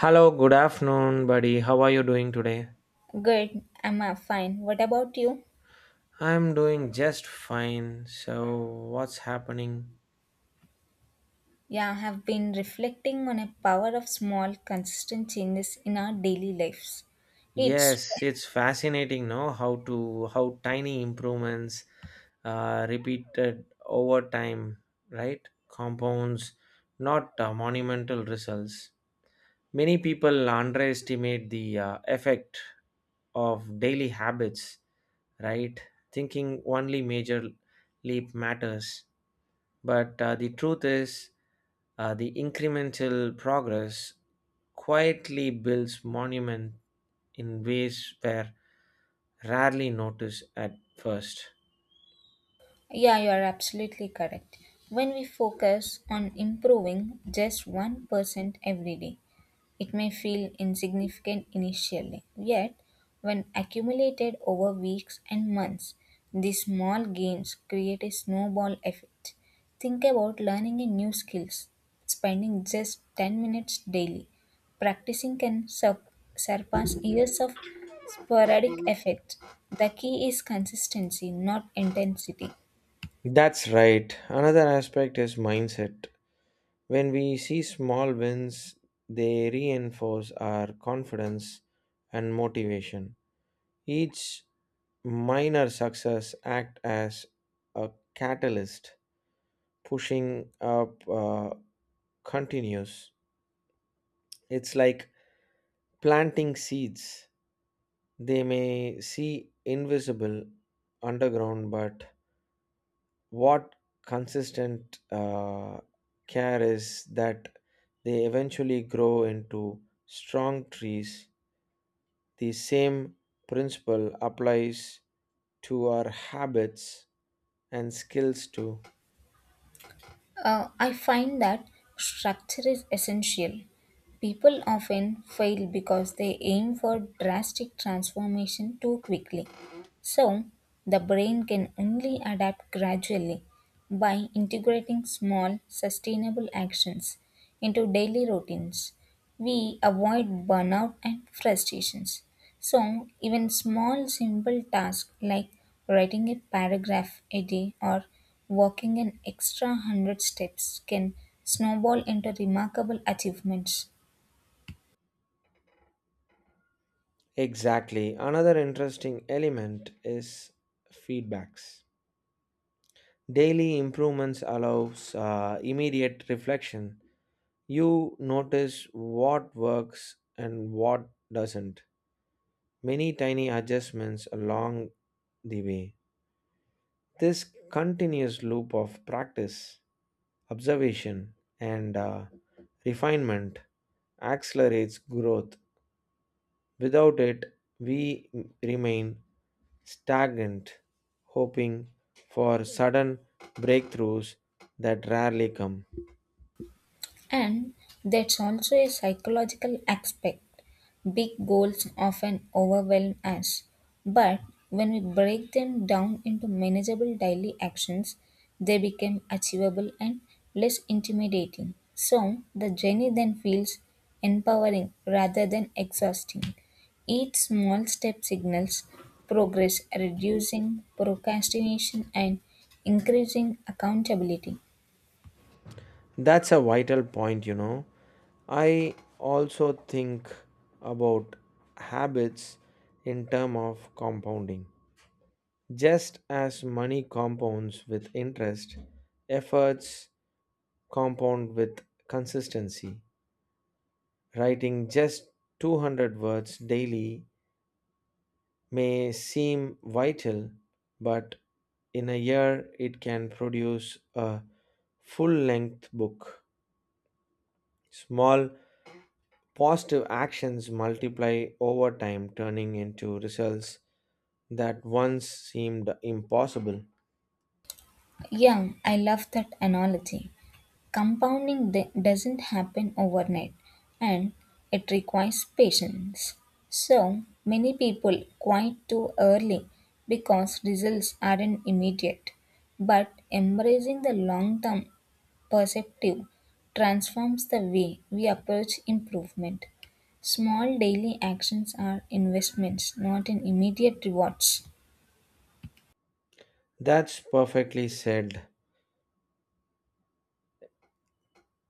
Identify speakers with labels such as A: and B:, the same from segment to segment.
A: Hello, good afternoon, buddy. How are you doing today?
B: Good, I'm fine. What about you?
A: I'm doing just fine. So, what's happening?
B: Yeah, I have been reflecting on a power of small, consistent changes in our daily lives. It's,
A: Yes, it's fascinating, no? How to how tiny improvements, repeated over time, right? Compounds, not monumental results. Many people underestimate the effect of daily habits, right? Thinking only major leap matters. But the truth is, the incremental progress quietly builds monument in ways were rarely noticed at first.
B: yeah, you are absolutely correct. When we focus on improving just 1% every day, it may feel insignificant initially, yet, when accumulated over weeks and months, these small gains create a snowball effect. Think about learning a new skills, spending just 10 minutes daily. Practicing can sur- Surpass years of sporadic effect. The key is consistency, not intensity.
A: That's right. Another aspect is mindset. When we see small wins, they reinforce our confidence and motivation. Each minor success act as a catalyst, pushing up continues. It's like planting seeds. They may see invisible underground, but what consistent care is that they eventually grow into strong trees. The same principle applies to our habits and skills too.
B: I find that structure is essential. People often fail because they aim for drastic transformation too quickly. So, the brain can only adapt gradually by integrating small, sustainable actions into daily routines. We avoid burnout and frustrations. So, even small, simple tasks like writing a paragraph a day or walking an extra 100 steps can snowball into remarkable achievements.
A: Exactly. Another interesting element is feedbacks. Daily improvements allows immediate reflection. You notice what works and what doesn't. Many tiny adjustments along the way. This continuous loop of practice, observation, and refinement accelerates growth. Without it, we remain stagnant, hoping for sudden breakthroughs that rarely come.
B: And that's also a psychological aspect. Big goals often overwhelm us, but when we break them down into manageable daily actions, they become achievable and less intimidating. So the journey then feels empowering rather than exhausting. Each small step signals progress, reducing procrastination and increasing accountability.
A: That's a vital point, you know. I also think about habits in term of compounding. Just as money compounds with interest, efforts compound with consistency. Writing just 200 words daily may seem vital, but in a year it can produce a full length book. Small positive actions multiply over time, turning into results that once seemed impossible.
B: Yeah, I love that analogy. Doesn't happen overnight and it requires patience. So, many people quit too early because results aren't immediate. But embracing the long term perspective transforms the way we approach improvement. Small daily actions are investments, not in immediate rewards.
A: That's perfectly said.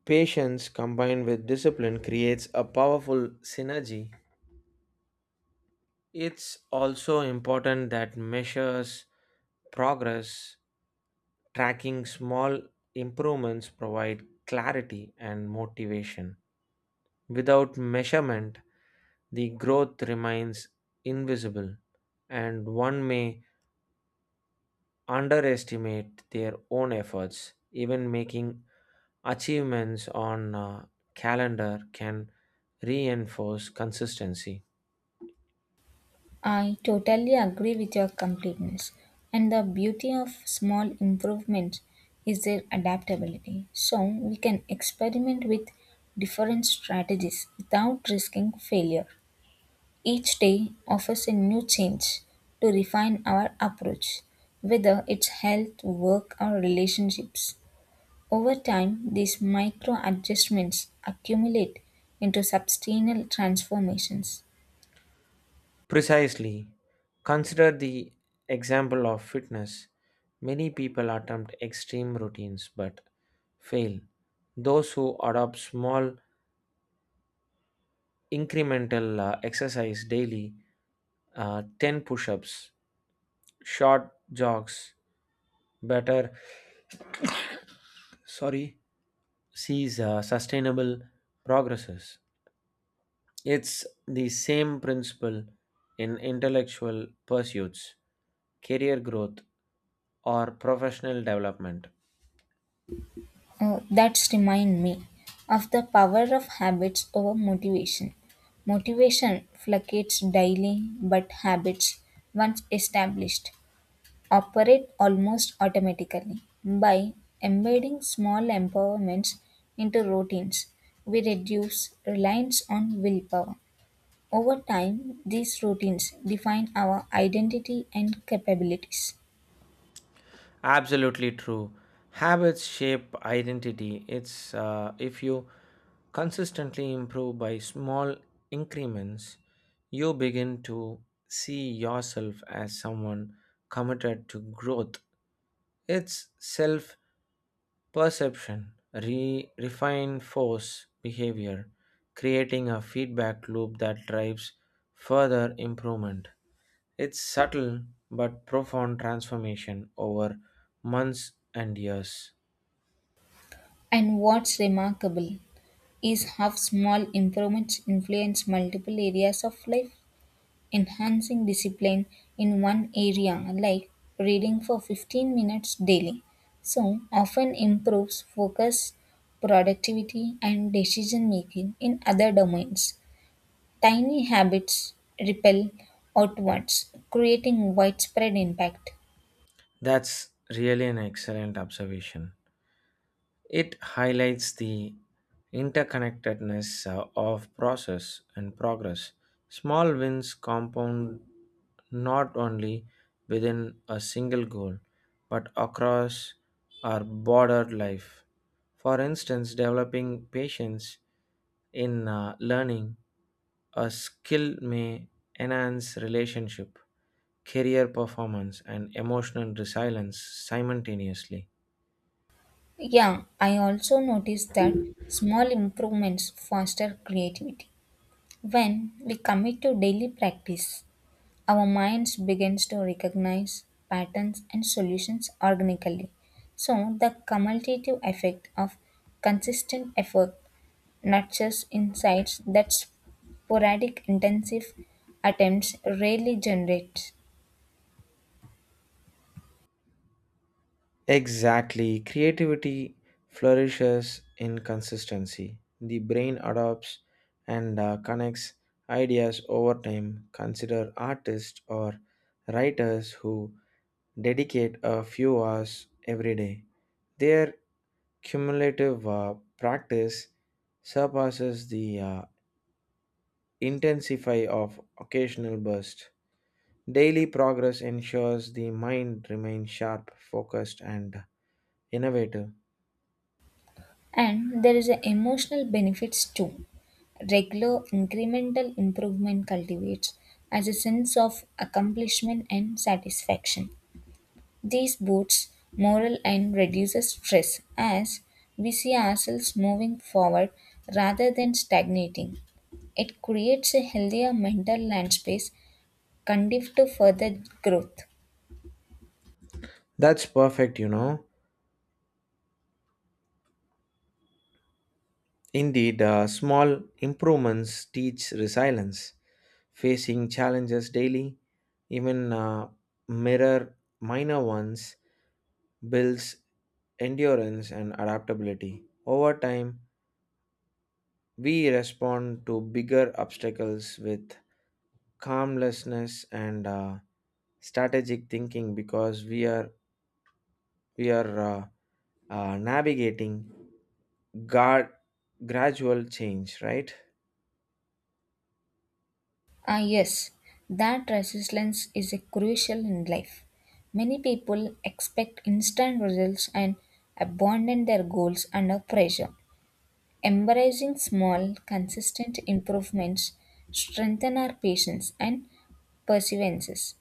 A: Patience combined with discipline creates a powerful synergy. It's also important that measures progress, tracking small improvements provide clarity and motivation. Without measurement, the growth remains invisible and one may underestimate their own efforts. Even making achievements on a calendar can reinforce consistency.
B: I totally agree with your completeness. And the beauty of small improvements is their adaptability. So we can experiment with different strategies without risking failure. Each day offers a new change to refine our approach, whether it's health, work, or relationships. Over time, these micro adjustments accumulate into substantial transformations.
A: Precisely, consider the example of fitness. Many people attempt extreme routines but fail. Those who adopt small incremental exercise daily, 10 push ups, short jogs, better, sorry, sees sustainable progresses. It's the same principle in intellectual pursuits, career growth, or professional development.
B: That's remind me of the power of habits over motivation. Motivation fluctuates daily, but habits, once established, operate almost automatically. By embedding small empowerments into routines, we reduce reliance on willpower. Over time, these routines define our identity and capabilities.
A: Absolutely true. Habits shape identity. It's if you consistently improve by small increments, you begin to see yourself as someone committed to growth. It's self Perception re- refine force behavior, creating a feedback loop that drives further improvement. It's subtle but profound transformation over months and years.
B: And what's remarkable is how small improvements influence multiple areas of life. Enhancing discipline in one area, like reading for 15 minutes daily, so often improves focus, productivity, and decision making in other domains. Tiny habits repel outwards, creating widespread impact.
A: That's really an excellent observation. It highlights the interconnectedness of process and progress. Small wins compound not only within a single goal but across our broader life. For instance, developing patience in learning a skill may enhance relationship, career performance, and emotional resilience simultaneously.
B: Yeah, I also noticed that small improvements foster creativity. When we commit to daily practice, our minds begins to recognize patterns and solutions organically. So the cumulative effect of consistent effort nurtures insights that sporadic intensive attempts rarely generate.
A: Exactly. Creativity flourishes in consistency. The brain adopts and connects ideas over time. Consider artists or writers who dedicate a few hours every day. Their cumulative practice surpasses the intensify of occasional bursts. Daily progress ensures the mind remains sharp, focused, and innovative.
B: And there is an emotional benefits too. Regular incremental improvement cultivates as a sense of accomplishment and satisfaction. This boosts morale and reduces stress as we see ourselves moving forward rather than stagnating. It creates a healthier mental land space conducive to further growth.
A: That's perfect, you know. Indeed, small improvements teach resilience. Facing challenges daily, even mirror minor ones, builds endurance and adaptability. Over time, we respond to bigger obstacles with calmlessness and strategic thinking because we are navigating guard, gradual change, right?
B: Ah, yes, that resilience is a crucial in life. Many people expect instant results and abandon their goals under pressure. Embracing small, consistent improvements strengthen our patience and perseverances.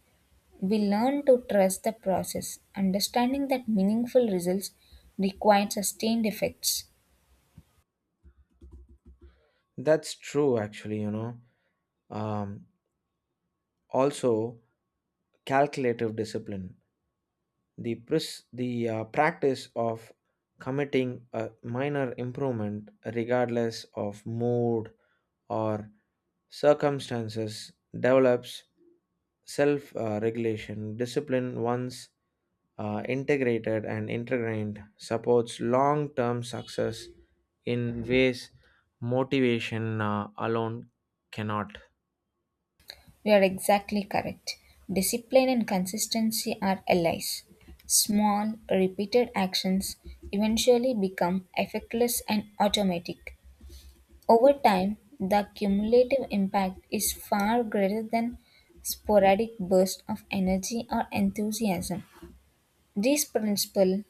B: We learn to trust the process, understanding that meaningful results require sustained efforts.
A: That's true, actually, you know. Um, also, calculative discipline, the practice of committing a minor improvement, regardless of mood or circumstances, develops self regulation. Discipline, once integrated, supports long term success in ways motivation alone cannot.
B: You are exactly correct. Discipline and consistency are allies. Small, repeated actions eventually become effortless and automatic. Over time, the cumulative impact is far greater than sporadic bursts of energy or enthusiasm. This principle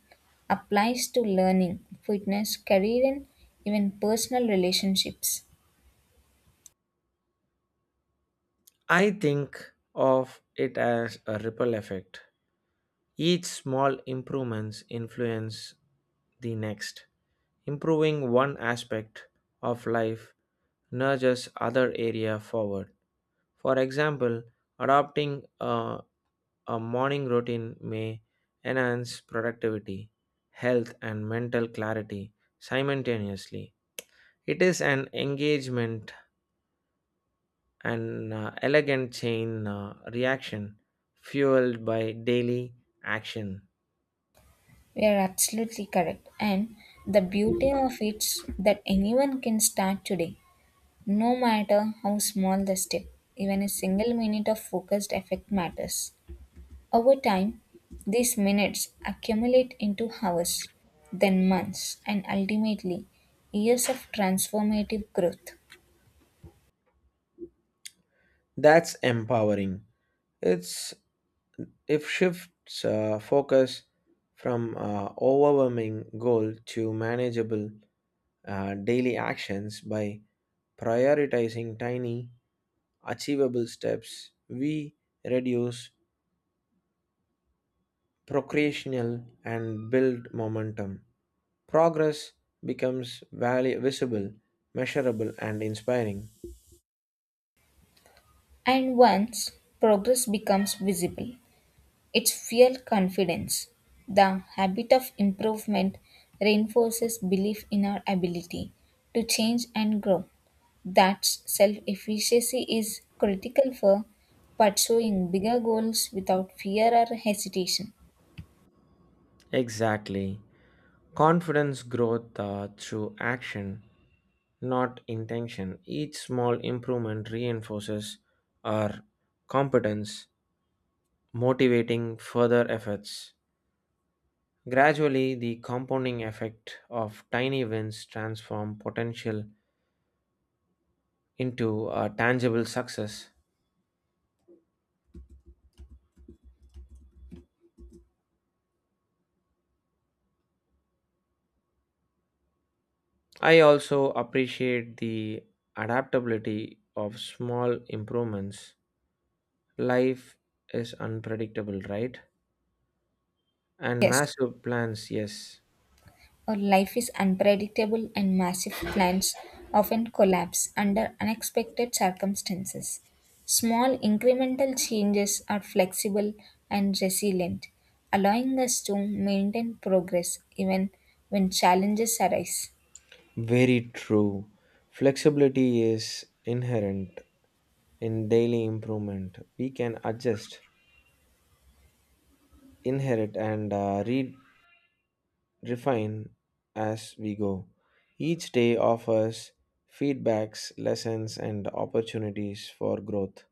B: applies to learning, fitness, career, and even personal relationships.
A: I think of it as a ripple effect. Each small improvements influence the next. Improving one aspect of life nudges other area forward. For example, adopting a morning routine may enhance productivity, health and mental clarity simultaneously. It is an engagement an elegant chain reaction fueled by daily action.
B: You are absolutely correct. And the beauty of it's that anyone can start today, no matter how small the step. Even a single minute of focused effect matters. Over time, these minutes accumulate into hours, then months, and ultimately years of transformative growth.
A: That's empowering. It's if shifts focus from overwhelming goal to manageable daily actions by prioritizing tiny achievable steps, we reduce procrastinal and build momentum. Progress becomes visible, measurable, and inspiring.
B: And once progress becomes visible, it's fuel confidence. The habit of improvement reinforces belief in our ability to change and grow. That self efficacy is critical for pursuing bigger goals without fear or hesitation.
A: Exactly. Confidence growth through action, not intention. Each small improvement reinforces our competence, motivating further efforts. Gradually, the compounding effect of tiny wins transform potential into a tangible success. I also appreciate the adaptability of small improvements. Life is unpredictable, right? And
B: Yes.
A: massive plans, yes.
B: Our life is unpredictable, and massive plans often collapse under unexpected circumstances. Small incremental changes are flexible and resilient, allowing us to maintain progress even when challenges arise.
A: Very true. Flexibility is inherent in daily improvement. We can adjust, inherit, and refine as we go. Each day offers feedbacks, lessons, and opportunities for growth,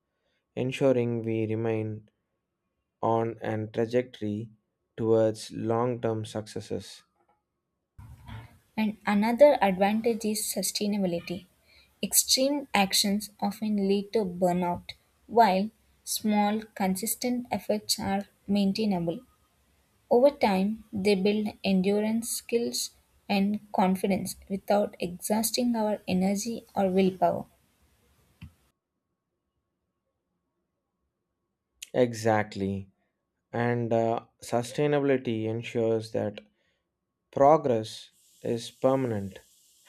A: ensuring we remain on an trajectory towards long term successes.
B: And another advantage is sustainability. Extreme actions often lead to burnout, while small, consistent efforts are maintainable. Over time, they build endurance skills and confidence without exhausting our energy or willpower.
A: Exactly. And sustainability ensures that progress is permanent.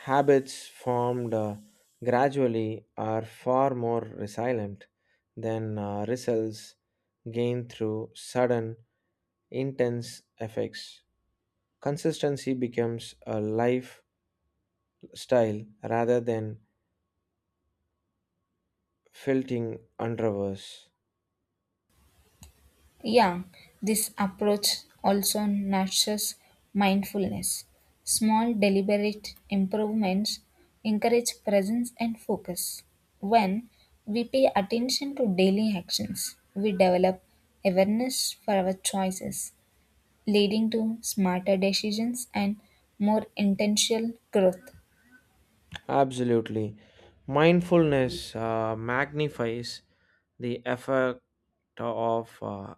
A: Habits formed gradually are far more resilient than results gained through sudden, intense effects. Consistency becomes a lifestyle rather than filtering underverse.
B: Yeah, this approach also nurtures mindfulness. Small, deliberate improvements encourage presence and focus. When we pay attention to daily actions, we develop awareness for our choices, leading to smarter decisions and more intentional growth.
A: Absolutely. Mindfulness magnifies the effect of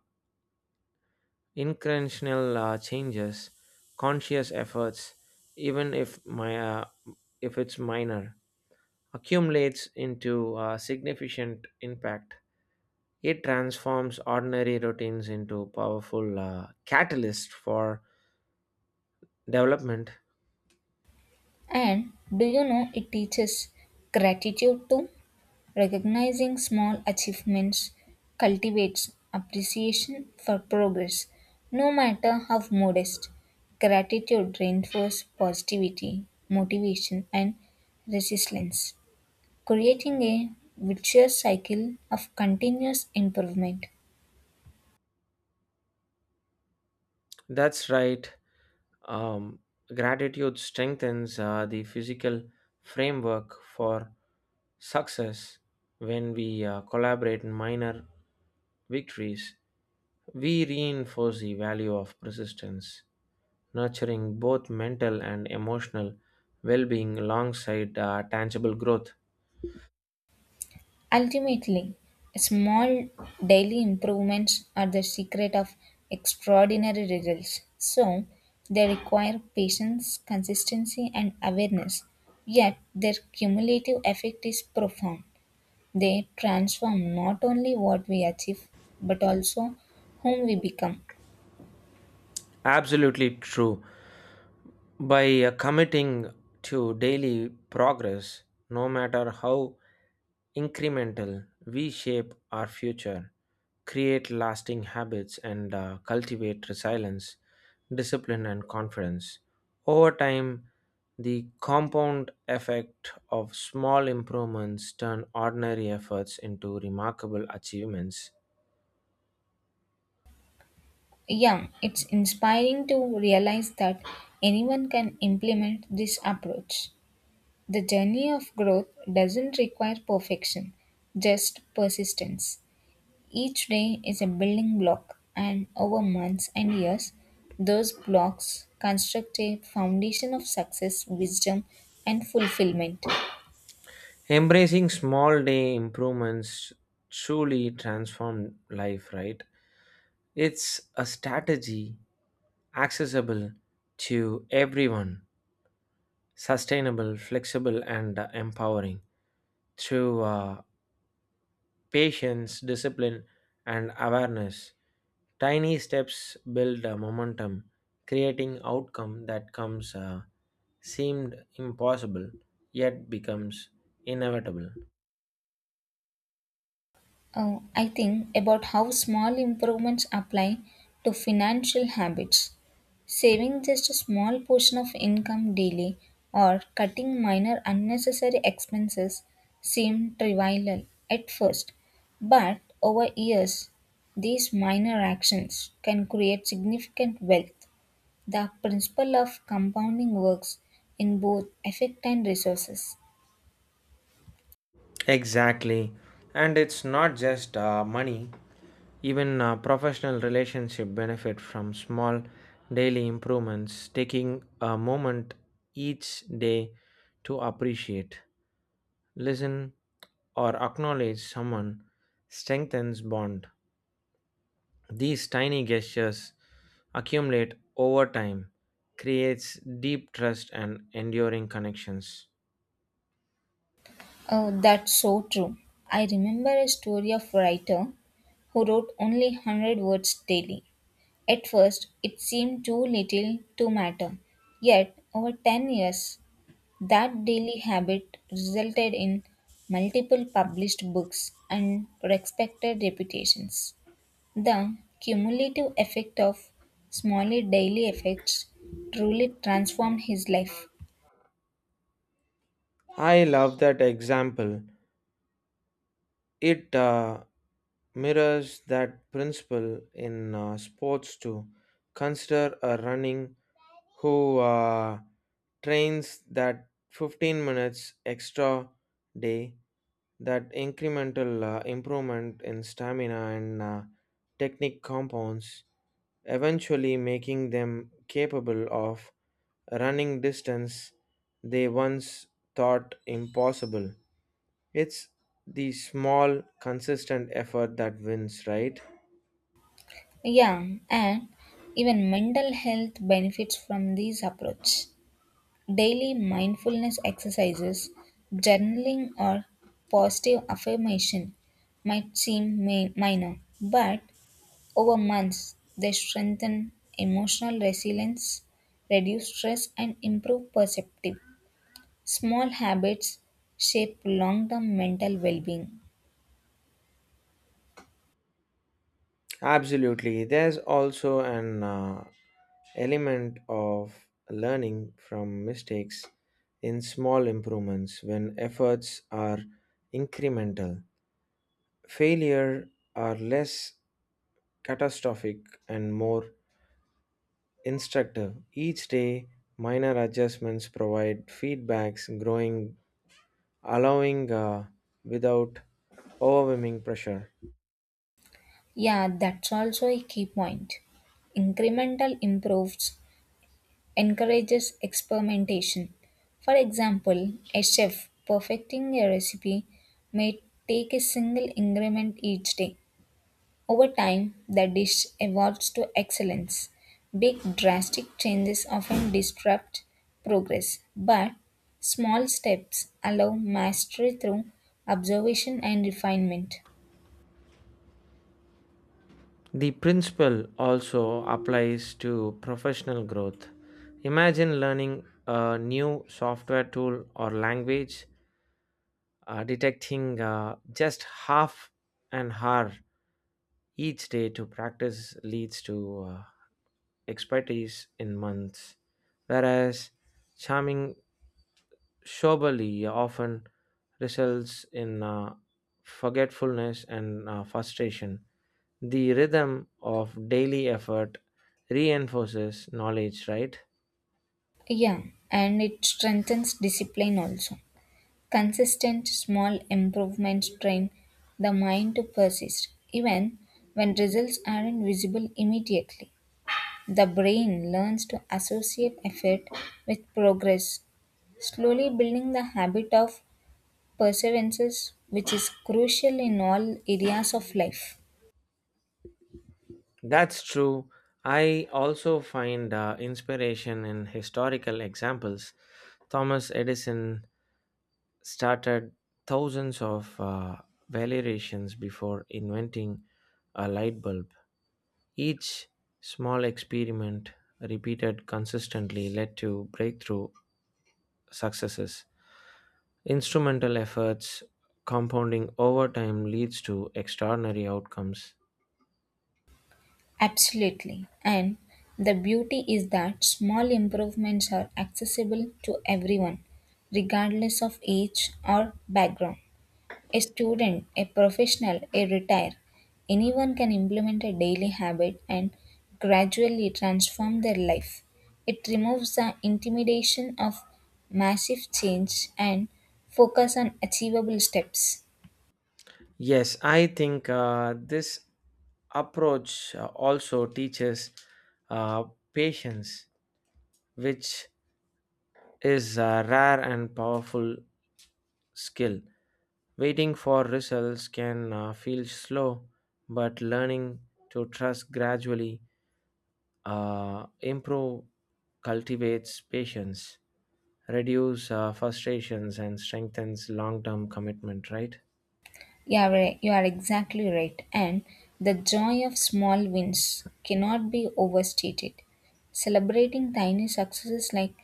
A: intentional changes, conscious efforts, even if my if it's minor, accumulates into a significant impact. It transforms ordinary routines into powerful catalyst for development.
B: And do you know it teaches gratitude too? Recognizing small achievements cultivates appreciation for progress, no matter how modest. Gratitude reinforces positivity, motivation, and resilience, creating a virtuous cycle of continuous improvement.
A: That's right. Um, gratitude strengthens the physical framework for success. When we collaborate in minor victories, we reinforce the value of persistence, nurturing both mental and emotional well being alongside tangible growth.
B: Ultimately, small daily improvements are the secret of extraordinary results. So, they require patience, consistency, and awareness. Yet, their cumulative effect is profound. They transform not only what we achieve, but also whom we become.
A: Absolutely true. By committing to daily progress, no matter how incremental, we shape our future, create lasting habits, and cultivate resilience, discipline, and confidence. Over time, the compound effect of small improvements turn ordinary efforts into remarkable achievements.
B: Yeah, it's inspiring to realize that anyone can implement this approach. The journey of growth doesn't require perfection, just persistence. Each day is a building block, and over months and years, those blocks construct a foundation of success, wisdom, and fulfillment.
A: Embracing small day improvements truly transform life, right? It's a strategy accessible to everyone, sustainable, flexible, and empowering through patience, discipline, and awareness. Tiny steps build a momentum, creating outcome that comes seemed impossible yet becomes inevitable.
B: I think about how small improvements apply to financial habits. Saving just a small portion of income daily or cutting minor unnecessary expenses seem trivial at first, but over years, these minor actions can create significant wealth. The principle of compounding works in both effect and resources.
A: Exactly. And it's not just money, even professional relationship benefit from small daily improvements, taking a moment each day to appreciate, listen, or acknowledge someone strengthens bond. These tiny gestures accumulate over time, creates deep trust and enduring connections.
B: Oh, that's so true. I remember a story of a writer who wrote only 100 words daily. At first, it seemed too little to matter. Yet, over 10 years, that daily habit resulted in multiple published books and respected reputations. The cumulative effect of smaller daily effects truly transformed his life.
A: I love that example. It mirrors that principle in sports too. Consider a running who trains that 15 minutes extra day that incremental improvement in stamina and technique compounds, eventually making them capable of running distance they once thought impossible. It's the small, consistent effort that wins, right?
B: Yeah, and even mental health benefits from these approach. Daily mindfulness exercises, journaling or positive affirmation minor, but over months they strengthen emotional resilience, reduce stress and improve perceptive. Small habits shape long-term mental well-being.
A: Absolutely. There's also an element of learning from mistakes in small improvements when efforts are incremental. Failure are less catastrophic and more instructive. Each day, minor adjustments provide feedbacks, growing, allowing without overwhelming pressure.
B: Yeah, that's also a key point. Incremental improves encourages experimentation. For example, a chef perfecting a recipe may take a single ingredient each day. Over time, the dish evolves to excellence. Big drastic changes often disrupt progress, but small steps allow mastery through observation and refinement.
A: The principle also applies to professional growth. Imagine learning a new software tool or language, detecting just half an hour each day to practice leads to expertise in months, whereas charming Shobali often results in forgetfulness and frustration. The rhythm of daily effort reinforces knowledge, right?
B: Yeah, and it strengthens discipline also. Consistent small improvements train the mind to persist even when results aren't visible immediately. The brain learns to associate effort with progress, slowly building the habit of perseverance, which is crucial in all areas of life.
A: That's true. I also find inspiration in historical examples. Thomas Edison started thousands of variations before inventing a light bulb. Each small experiment repeated consistently led to breakthrough successes. Instrumental efforts compounding over time leads to extraordinary outcomes.
B: Absolutely. And the beauty is that small improvements are accessible to everyone, regardless of age or background. A student, a professional, a retire, anyone can implement a daily habit and gradually transform their life. It removes the intimidation of massive change and focus on achievable steps.
A: Yes, I think this approach also teaches uh, patience, which is a rare and powerful skill. Waiting for results can feel slow, but learning to trust gradually improve cultivates patience reduce frustrations and strengthens long-term commitment, right?
B: Yeah, right. You are exactly right. And the joy of small wins cannot be overstated. Celebrating tiny successes like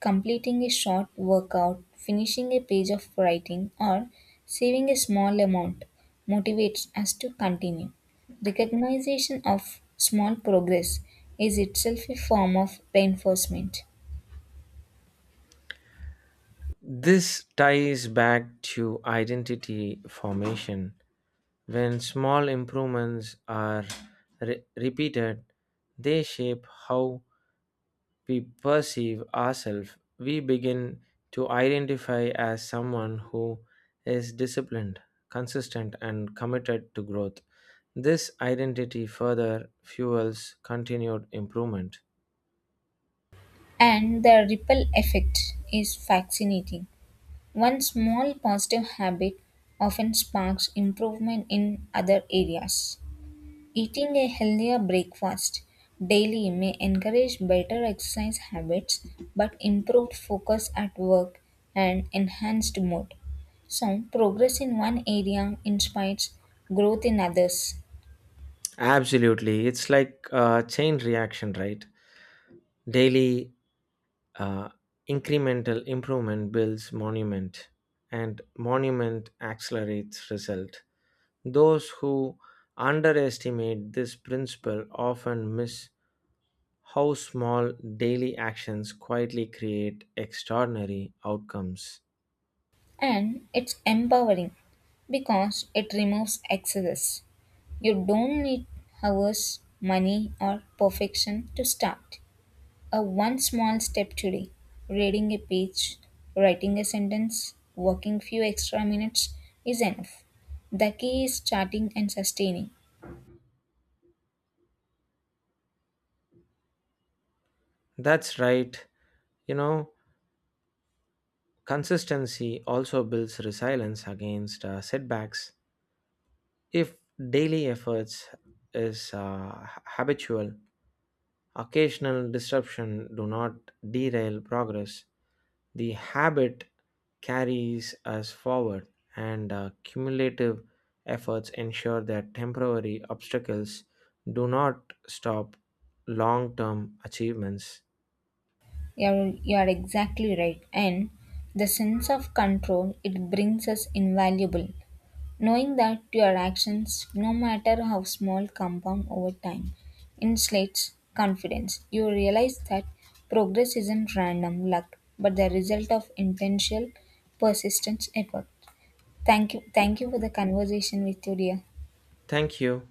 B: completing a short workout, finishing a page of writing, or saving a small amount motivates us to continue. Recognition of small progress is itself a form of reinforcement,
A: This ties back to identity formation when small improvements are repeated they shape how we perceive ourselves, we begin to identify as someone who is disciplined, consistent, and committed to growth. This identity further fuels continued improvement.
B: and the ripple effect is fascinating. One small positive habit often sparks improvement in other areas. Eating a healthier breakfast daily may encourage better exercise habits but improved focus at work and enhanced mood. So, progress in one area inspires growth in others,
A: Absolutely. It's like a chain reaction, right? Daily uh, incremental improvement builds monument, and monument accelerates result. Those who underestimate this principle often miss how small daily actions quietly create extraordinary outcomes.
B: and it's empowering because it removes excess. You don't need hours, money, or perfection to start. A one small step today, reading a page, writing a sentence, working few extra minutes is enough. The key is starting and sustaining.
A: That's right. You know, consistency also builds resilience against setbacks. If daily efforts is habitual, occasional disruption do not derail progress. The habit carries us forward, and cumulative efforts ensure that temporary obstacles do not stop long term achievements.
B: You are exactly right. And the sense of control it brings us invaluable. Knowing that your actions, no matter how small, compound over time, insulates confidence. You realize that progress isn't random luck, but the result of intentional, persistent effort. Thank you. Thank you for the conversation with you, dear.
A: Thank you.